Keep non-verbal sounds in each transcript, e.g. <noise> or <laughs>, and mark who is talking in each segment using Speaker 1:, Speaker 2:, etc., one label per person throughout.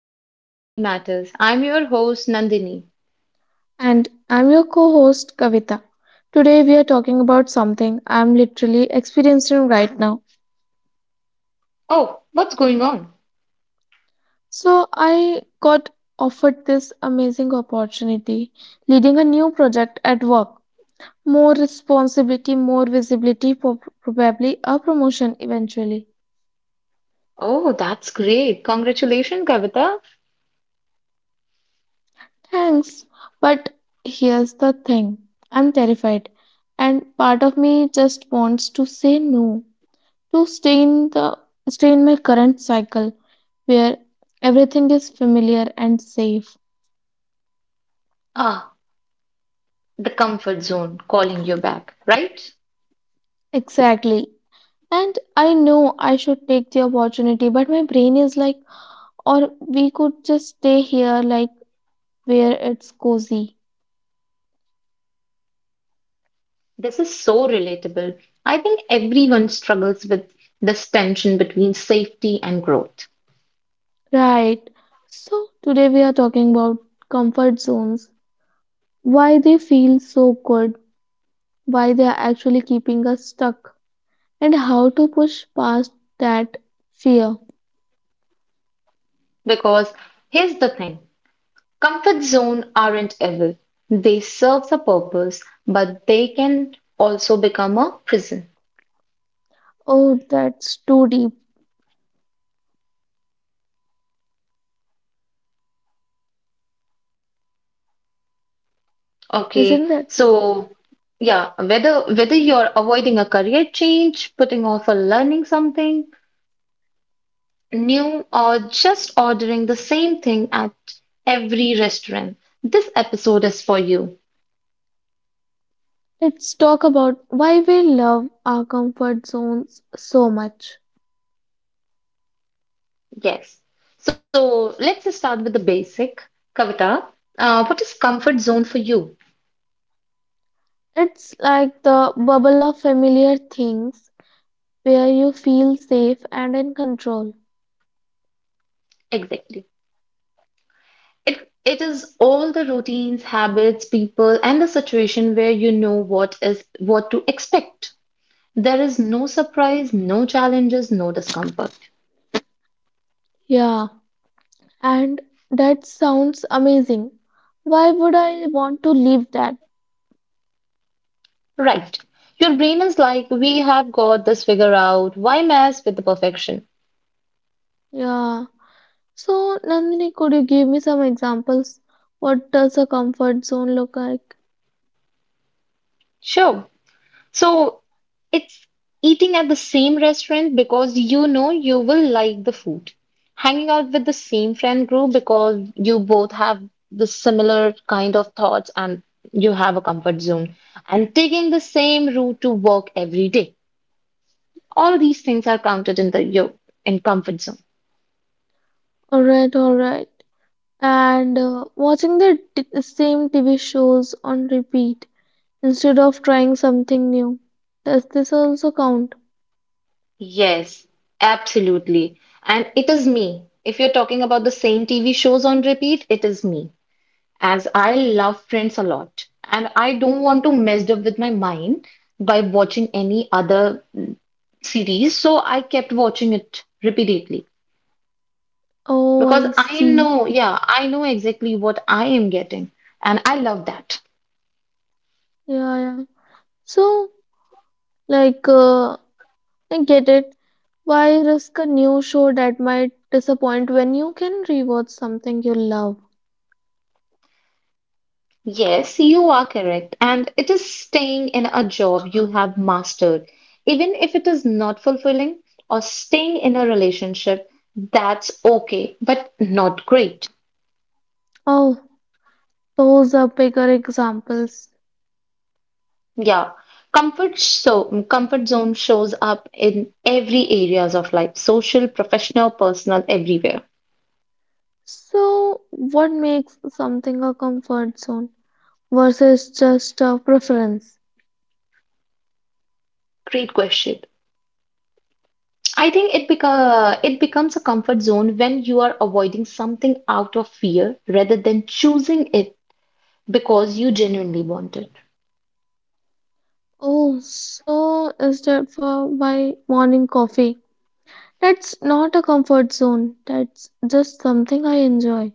Speaker 1: back to the Mind Matters. I'm your host, Nandini.
Speaker 2: And I'm your co host, Kavita. Today, we are talking about something I'm literally experiencing right now.
Speaker 1: Oh, what's going on?
Speaker 2: So, I got offered this amazing opportunity leading a new project at work. More responsibility, more visibility, probably a promotion eventually.
Speaker 1: Oh, that's great. Congratulations, Kavita.
Speaker 2: Thanks. But here's the thing, I'm terrified, and part of me just wants to say no, to stay in my current cycle where everything is familiar and safe.
Speaker 1: Ah, the comfort zone calling you back, right?
Speaker 2: Exactly. And I know I should take the opportunity, but my brain is like, or we could just stay here, like, where it's cozy.
Speaker 1: This is so relatable. I think everyone struggles with this tension between safety and growth.
Speaker 2: Right. So today we are talking about comfort zones, why they feel so good, why they are actually keeping us stuck, and how to push past that fear.
Speaker 1: Because here's the thing, comfort zone aren't evil, they serve a purpose, but they can also become a prison.
Speaker 2: Oh, that's too deep,
Speaker 1: Okay,
Speaker 2: isn't it?
Speaker 1: so yeah, whether you're avoiding a career change, putting off or learning something new, or just ordering the same thing at every restaurant, this episode is for you.
Speaker 2: Let's talk about why we love our comfort zones so much.
Speaker 1: Yes. So let's start with the basic. Kavita, what is comfort zone for you
Speaker 2: It's like the bubble of familiar things where you feel safe and in control.
Speaker 1: exactly? It is all the routines, habits, people, and the situation where you know what is what to expect. There is no surprise, no challenges, no discomfort.
Speaker 2: Yeah, and that sounds amazing. Why would I want to leave that?
Speaker 1: Right. Your brain is like, we have got this figure out. Why mess with the perfection?
Speaker 2: Yeah. So, Nandini, could you give me some examples? What does a comfort zone look like?
Speaker 1: Sure. So it's eating at the same restaurant because you know you will like the food. Hanging out with the same friend group because you both have the similar kind of thoughts and you have a comfort zone. And taking the same route to work every day. All these things are counted in the your in comfort zone.
Speaker 2: Alright, alright. And watching the same TV shows on repeat instead of trying something new. Does this also count?
Speaker 1: Yes, absolutely. And it is me. If you're talking about the same TV shows on repeat, it is me. As I love Friends a lot. And I don't want to mess up with my mind by watching any other series. So I kept watching it repeatedly.
Speaker 2: Oh,
Speaker 1: Because
Speaker 2: I
Speaker 1: I
Speaker 2: see.
Speaker 1: know, yeah, I know exactly what I am getting. And I love that.
Speaker 2: Yeah, yeah. So, like, I get it. Why risk a new show that might disappoint when you can rewatch something you love?
Speaker 1: Yes, you are correct. And it is staying in a job you have mastered, even if it is not fulfilling, or staying in a relationship that's okay, but not great.
Speaker 2: Oh, those are bigger examples.
Speaker 1: Yeah. Comfort so comfort zone shows up in every areas of life, social, professional, personal, everywhere.
Speaker 2: So, what makes something a comfort zone versus just a preference?
Speaker 1: Great question. I think it beca it becomes a comfort zone when you are avoiding something out of fear rather than choosing it because you genuinely want it.
Speaker 2: Oh, so is that for my morning coffee? That's not a comfort zone. That's just something I enjoy.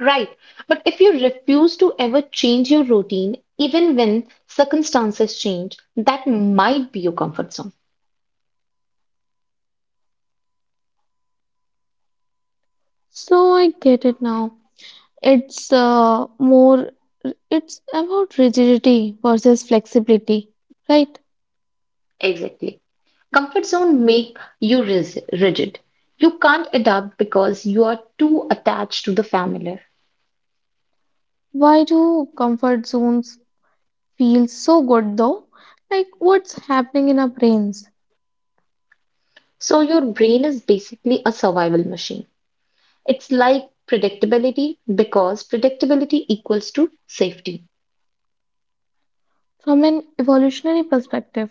Speaker 1: Right. But if you refuse to ever change your routine, even when circumstances change, that might be your comfort zone.
Speaker 2: So I get it now. It's it's about rigidity versus flexibility, right?
Speaker 1: Exactly. Comfort zone make you rigid. You can't adapt because you are too attached to the familiar.
Speaker 2: Why do comfort zones feel so good though? Like what's happening in our brains
Speaker 1: So your brain is basically a survival machine. It's like predictability because predictability equals to safety.
Speaker 2: from an evolutionary perspective?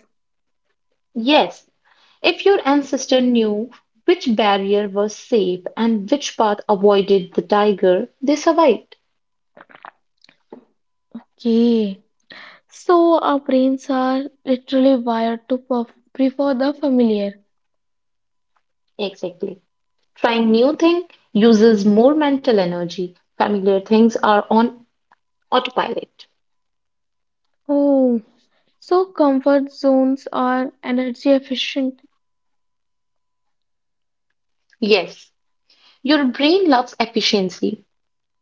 Speaker 1: Yes, if your ancestor knew which barrier was safe and which path avoided the tiger, they survived.
Speaker 2: Okay. So our brains are literally wired to prefer the familiar.
Speaker 1: Exactly. Trying new thing uses more mental energy. Familiar things are on autopilot.
Speaker 2: Oh, so, comfort zones are energy efficient,
Speaker 1: Yes, your brain loves efficiency.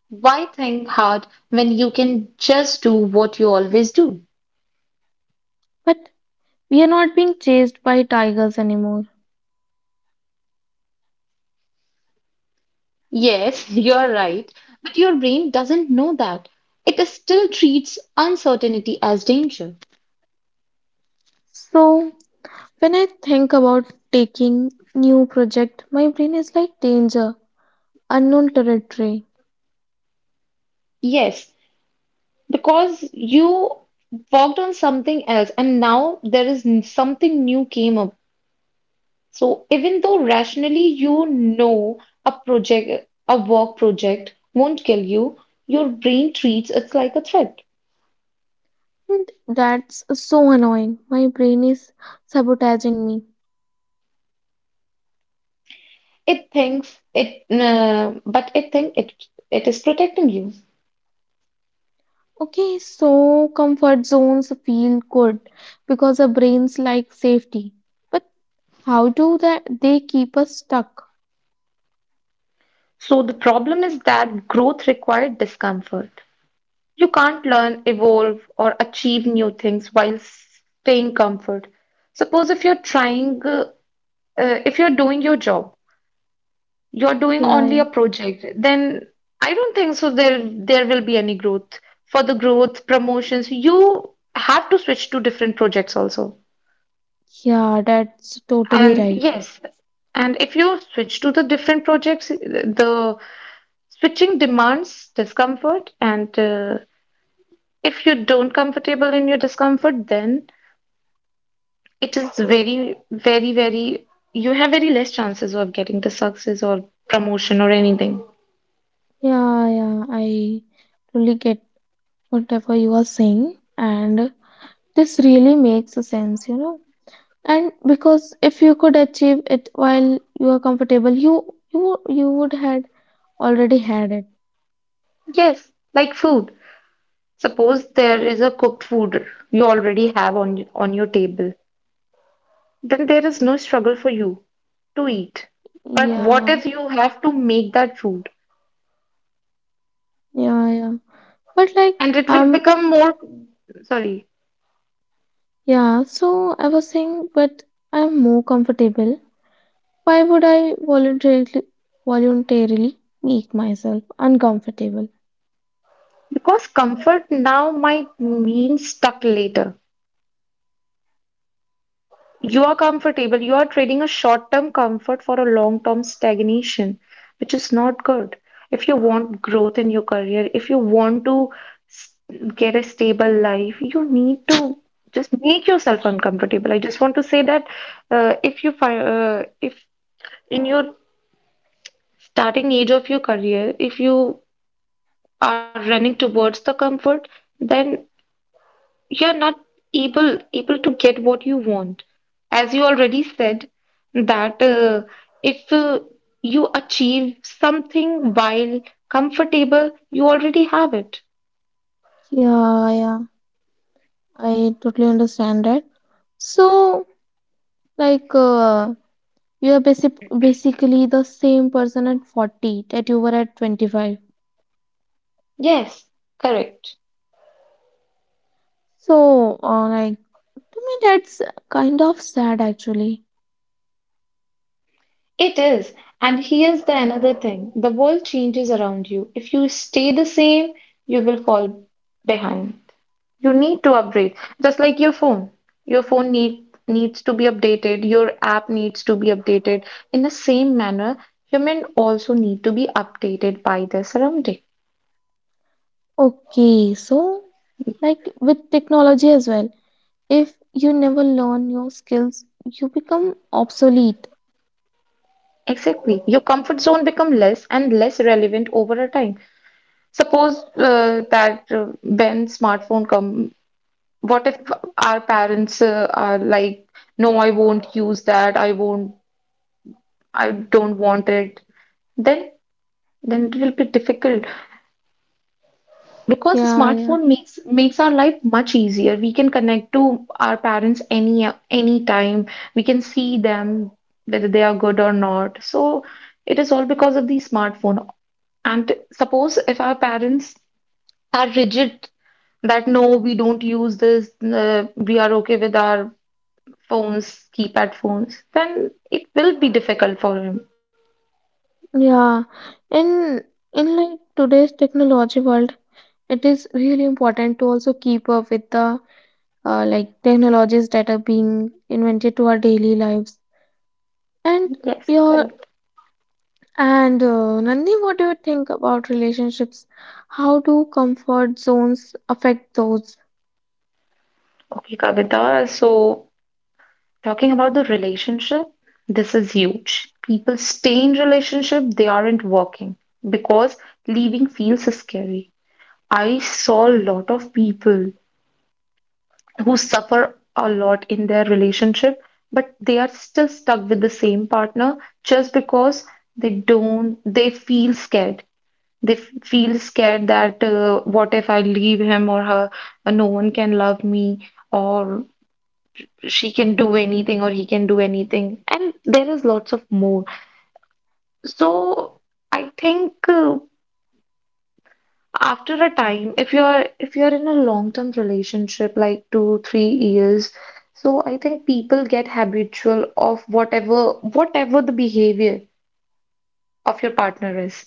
Speaker 1: Why think hard when you can just do what you always do?
Speaker 2: but we are not being chased by tigers anymore.
Speaker 1: Yes, <laughs> you're right, but your brain doesn't know that. It still treats uncertainty as danger.
Speaker 2: So, when I think about taking new project, my brain is like danger, unknown territory.
Speaker 1: Yes, because you worked on something else and now something new came up. So even though rationally you know a project, a work project won't kill you, your brain treats it like a threat.
Speaker 2: And that's so annoying. My brain is sabotaging me.
Speaker 1: It thinks it it is protecting you.
Speaker 2: Okay, so comfort zones feel good because our brains like safety. But how do that they keep us stuck?
Speaker 1: So the problem is that growth required discomfort. You can't learn, evolve, or achieve new things while staying comfort. Suppose if you're trying if you're doing your job, you're doing
Speaker 2: Yeah,
Speaker 1: only
Speaker 2: yeah.
Speaker 1: a project, then I don't think so there will be any growth. For the growth, promotions, you have to switch to different projects also.
Speaker 2: Yeah, that's totally
Speaker 1: And
Speaker 2: right.
Speaker 1: yes, and if you switch to the different projects, the switching demands discomfort. And if you don't comfortable in your discomfort, then it is very, you have very less chances of getting the success or promotion or anything.
Speaker 2: Yeah, yeah, I really get whatever you are saying, and this really makes a sense, you know. And because if you could achieve it while you are comfortable, you would had already had it.
Speaker 1: Yes, like food. Suppose there is a cooked food you already have on your table, then there is no struggle for you to eat. But what
Speaker 2: Yeah,
Speaker 1: if you have to make that food
Speaker 2: yeah, yeah. But like
Speaker 1: and it will
Speaker 2: um,
Speaker 1: become more, sorry,
Speaker 2: yeah. So I was saying, but I'm more comfortable. Why would I voluntarily make myself uncomfortable?
Speaker 1: because comfort now might mean stuck later. You are comfortable. You are trading a short term comfort for a long term stagnation, which is not good. If you want growth in your career, if you want to s- get a stable life, you need to just make yourself uncomfortable. I just want to say that if you find, if in your starting age of your career, if you are running towards the comfort, then you're not able to get what you want as you already said that if you achieve something while comfortable you already have it.
Speaker 2: Yeah, yeah. I totally understand that. So, like, you are basically the same person at 40 that you were at 25.
Speaker 1: Yes, correct.
Speaker 2: So, like, to me, that's kind of sad actually.
Speaker 1: It is. And here's the another thing. The world changes around you. If you stay the same, you will fall behind. You need to upgrade. Just like your phone. Your phone needs to be updated, your app needs to be updated. In the same manner, human also need to be updated by their surrounding.
Speaker 2: Okay, so, like, with technology as well, if you never learn new skills, you become obsolete.
Speaker 1: Exactly. Your comfort zone become less and less relevant over a time. Suppose that when smartphone come, what if our parents are like, no, I won't use that, I won't, I don't want it. Then it will be difficult because
Speaker 2: Yeah, yeah,
Speaker 1: smartphone makes our life much easier. We can connect to our parents any time, we can see them whether they are good or not. So it is all because of the smartphone. And suppose if our parents are rigid, that no, we don't use this, we are okay with our phones, keypad phones, then it will be difficult for him.
Speaker 2: yeah. In, in like today's technology world, it is really important to also keep up with the like technologies that are being invented to our daily lives. And
Speaker 1: Yes,
Speaker 2: your
Speaker 1: correct.
Speaker 2: and Nandini, what do you think about relationships? How do comfort zones affect those?
Speaker 1: Okay, Kavita, so talking about the relationship, this is huge. People stay in relationship they aren't working because leaving feels scary. I saw a lot of people who suffer a lot in their relationship, but they are still stuck with the same partner just because they don't, they feel scared. They feel scared that what if I leave him or her, no one can love me, or she can do anything or he can do anything and there is lots of more. So I think after a time, if you're in a long-term relationship like 2 3 years, so I think people get habitual of whatever the behavior of your partner is,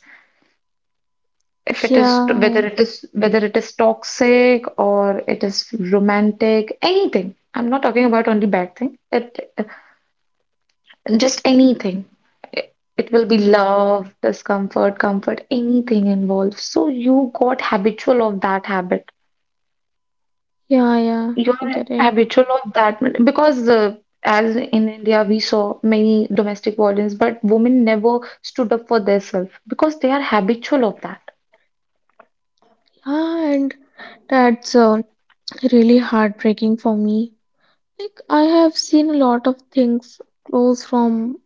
Speaker 1: if it is whether
Speaker 2: Yeah,
Speaker 1: it is whether it is toxic or it is romantic, anything. I'm not talking about only bad thing it. Just anything. It will be love, discomfort, comfort, anything involved. So you got habitual of that habit.
Speaker 2: yeah, yeah,
Speaker 1: You're
Speaker 2: I get it.
Speaker 1: habitual of that, because as in India, we saw many domestic violence, but women never stood up for themselves because they are habitual of that.
Speaker 2: Yeah, and that's really heartbreaking for me. Like I have seen a lot of things close from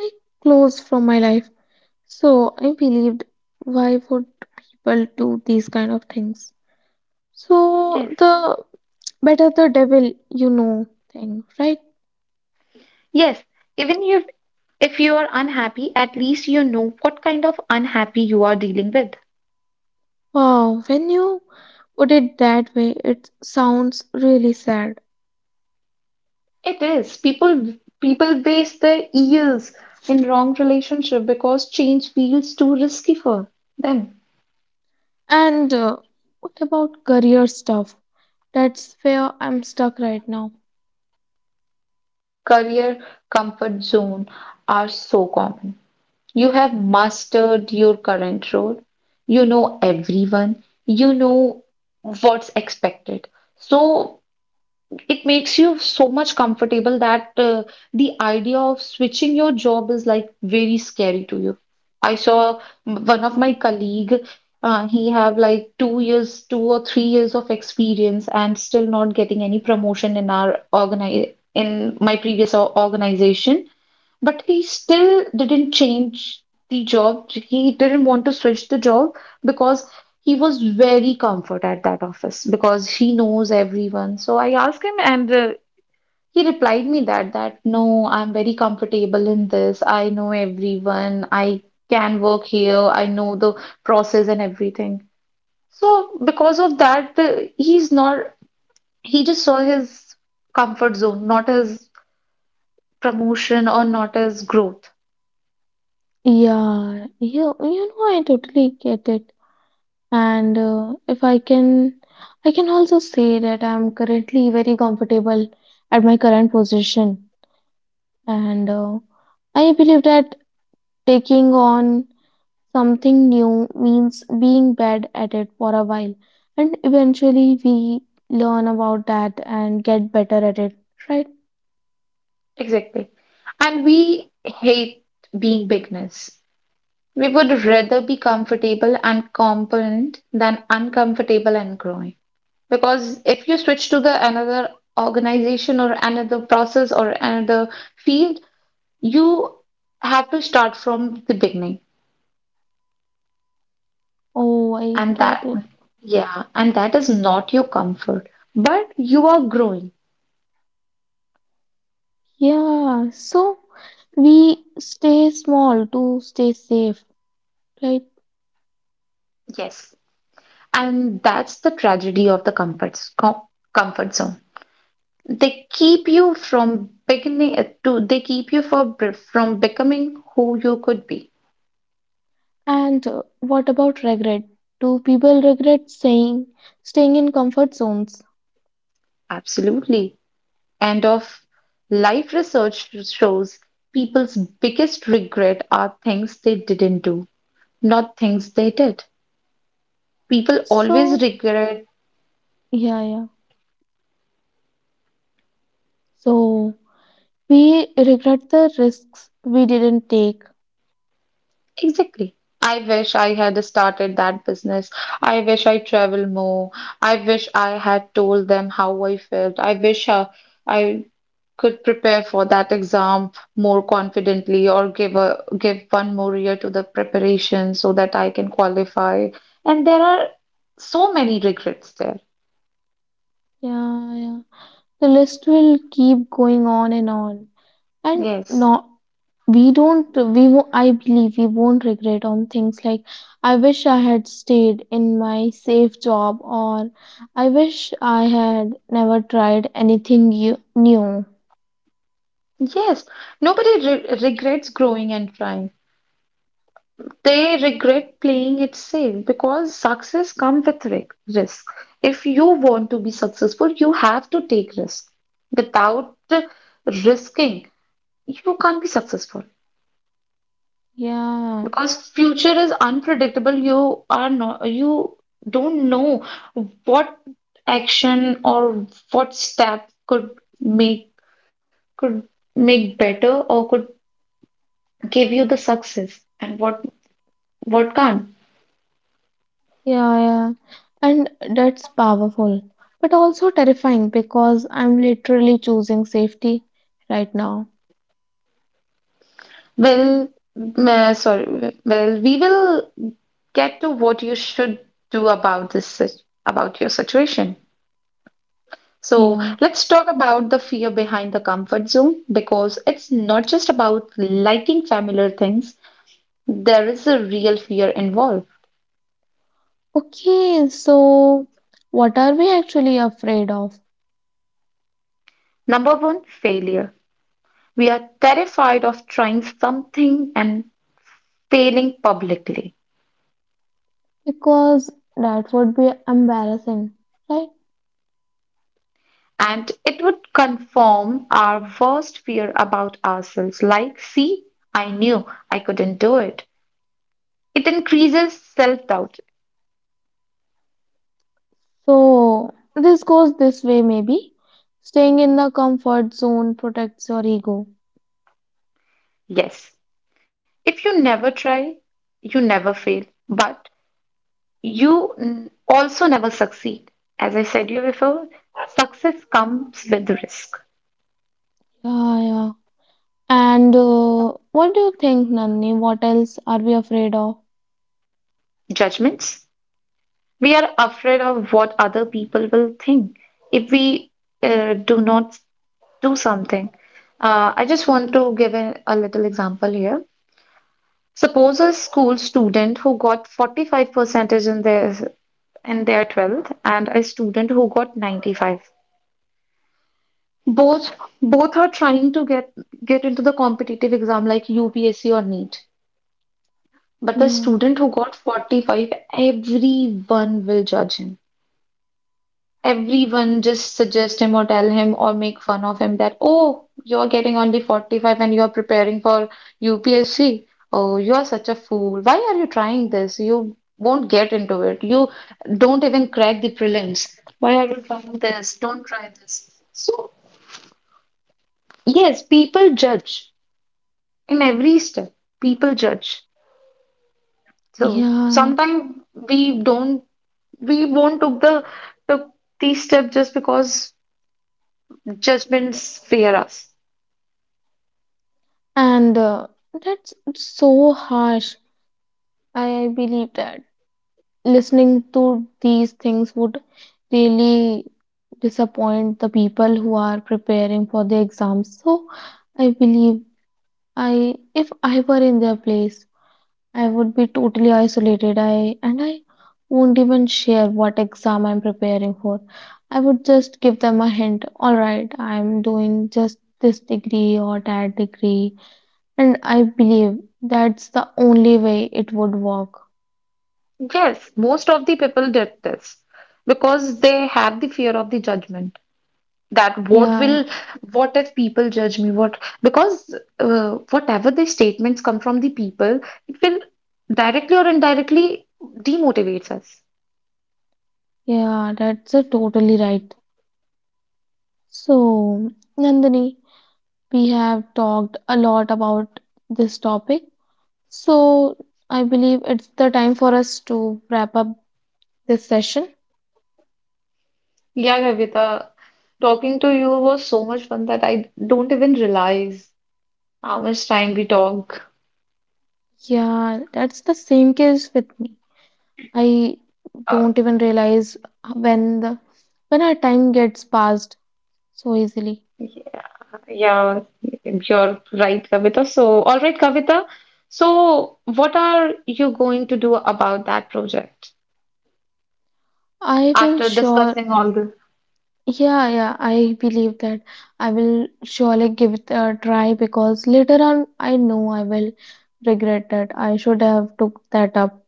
Speaker 2: like close from my life. So I believed why would people do these kind of things? So
Speaker 1: Yes.
Speaker 2: the better the devil you know thing, right?
Speaker 1: Yes. Even if you are unhappy, at least you know what kind of unhappy you are dealing with.
Speaker 2: Wow, when you put it that way, it sounds really sad.
Speaker 1: It is. People waste their years in wrong relationship because change feels too risky for them.
Speaker 2: And what about career stuff? That's where I'm stuck right now.
Speaker 1: Career comfort zone are so common. You have mastered your current role. You know everyone. You know what's expected. So it makes you so much comfortable that the idea of switching your job is like very scary to you. I saw one of my colleague, he have like 2 years, 2 or 3 years of experience and still not getting any promotion in our organi in my previous organization. But he still didn't change the job. He didn't want to switch the job because he was very comfort at that office because he knows everyone. So I asked him and he replied me that that no, I'm very comfortable in this. I know everyone. I can work here. I know the process and everything. So because of that, he's not, he just saw his comfort zone, not his promotion or not his growth.
Speaker 2: Yeah, you know, I totally get it. And if I can, I can also say that I'm currently very comfortable at my current position. And I believe that taking on something new means being bad at it for a while, and eventually we learn about that and get better at it, right?
Speaker 1: Exactly. And we hate being beginners. We would rather be comfortable and competent than uncomfortable and growing. Because if you switch to the another organization or another process or another field, you have to start from the beginning.
Speaker 2: Oh, I
Speaker 1: And
Speaker 2: get
Speaker 1: that,
Speaker 2: it.
Speaker 1: yeah, and that is not your comfort, but you are growing.
Speaker 2: Yeah, so we stay small to stay safe, right?
Speaker 1: Yes. And that's the tragedy of the comfort, comfort zone. They keep you from beginning to they keep you from becoming who you could be.
Speaker 2: And what about regret? Do people regret saying staying in comfort zones?
Speaker 1: Absolutely. And of life research shows people's biggest regret are things they didn't do, not things they did. People always
Speaker 2: So,
Speaker 1: regret,
Speaker 2: yeah, yeah. So we regret the risks we didn't take.
Speaker 1: exactly. I wish I had started that business. I wish I traveled more. I wish I had told them how I felt. I wish I could prepare for that exam more confidently or give a give one more year to the preparation so that I can qualify. And there are so many regrets there.
Speaker 2: Yeah, yeah, the list will keep going on and
Speaker 1: Yes.
Speaker 2: not we don't we wo- I believe we won't regret on things like, I wish I had stayed in my safe job, or I wish I had never tried new.
Speaker 1: Yes. Nobody regrets growing and trying. They regret playing it safe because success comes with risk. If you want to be successful, you have to take risk. Without risking, you can't be successful.
Speaker 2: Yeah,
Speaker 1: Because future is unpredictable, you are not, you don't know what action or what step could make, could make better or could give you the success and what can't.
Speaker 2: yeah, yeah. And that's powerful but also terrifying because I'm literally choosing safety right now.
Speaker 1: Well, sorry well we will get to what you should do about this about your situation. So
Speaker 2: Yeah.
Speaker 1: let's talk about the fear behind the comfort zone, because it's not just about liking familiar things. There is a real fear involved.
Speaker 2: Okay, so what are we actually afraid of?
Speaker 1: Number one, failure. We are terrified of trying something and failing publicly.
Speaker 2: Because that would be embarrassing, right?
Speaker 1: And it would confirm our worst fear about ourselves, like, see, I knew I couldn't do it. It increases self doubt.
Speaker 2: So this goes this way, maybe. Staying in the comfort zone protects your ego.
Speaker 1: Yes, if you never try, you never fail, but you also never succeed. As I said you before, success comes with risk,
Speaker 2: Yeah, yeah. And what do you think, Nandini? What else are we afraid of?
Speaker 1: judgments. We are afraid of what other people will think if we do not do something. I just want to give a little example here. Suppose a school student who got 45 percentage in their 12th and a student who got 95, both both are trying to get into the competitive exam like UPSC or NEET, but the
Speaker 2: Yeah,
Speaker 1: student who got 45, everyone will judge him, everyone just suggest him or tell him or make fun of him that, oh, you're getting only 45 and you're preparing for UPSC. Oh, you are such a fool. Why are you trying this? You won't get into it. You don't even crack the prelims. Why are you trying this? Don't try this. So, yes, people judge in every step. People judge. So
Speaker 2: yeah.
Speaker 1: sometimes we don't, we won't took the took these steps just because judgments fear us.
Speaker 2: And that's so harsh. I believe that. Listening to these things would really disappoint the people who are preparing for the exams. So I believe, I if I were in their place, I would be totally isolated. I and I won't even share what exam I'm preparing for. I would just give them a hint. All right, I'm doing just this degree or that degree, and I believe that's the only way it would work.
Speaker 1: Yes, most of the people did this because they have the fear of the judgment, that what
Speaker 2: Yeah.
Speaker 1: will, what if people judge me? What, because whatever the statements come from the people, it will directly or indirectly demotivates us.
Speaker 2: Yeah, that's a totally right. So, Nandini, we have talked a lot about this topic. So, I believe it's the time for us to wrap up this session.
Speaker 1: Yeah, Kavita, talking to you was so much fun that I don't even realize how much time we talk.
Speaker 2: Yeah, that's the same case with me. I
Speaker 1: Uh,
Speaker 2: don't even realize when the when our time gets passed so easily.
Speaker 1: Yeah, you're right, Kavita. So, all right, Kavita. So, what are you going to do about that project
Speaker 2: I will
Speaker 1: after
Speaker 2: sure.
Speaker 1: discussing all this?
Speaker 2: Yeah, yeah, I believe that I will surely give it a try because later on I know I will regret that I should have took that up.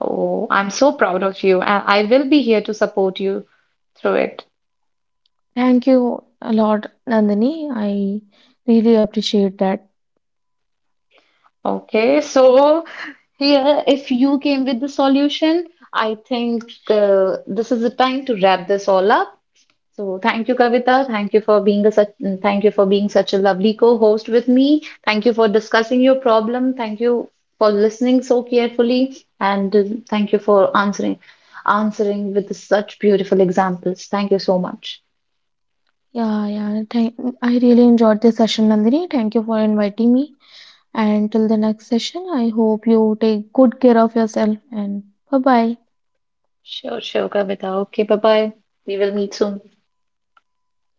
Speaker 1: Oh, I'm so proud of you. I will be here to support you through it.
Speaker 2: Thank you a lot, Nandini. I really appreciate that.
Speaker 1: Okay, so here, if you came with the solution, I think this is the time to wrap this all up. So thank you, Kavita. Thank you for being a such thank you for being such a lovely co-host with me. Thank you for discussing your problem. Thank you for listening so carefully, and thank you for answering with such beautiful examples. Thank you so much.
Speaker 2: Yeah, yeah. Thank I really enjoyed this session, Nandini. Thank you for inviting me. And till the next session, I hope you take good care of yourself and bye bye.
Speaker 1: Sure, sure, Kavita. Okay, bye bye. We will meet soon.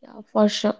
Speaker 2: Yeah, for sure.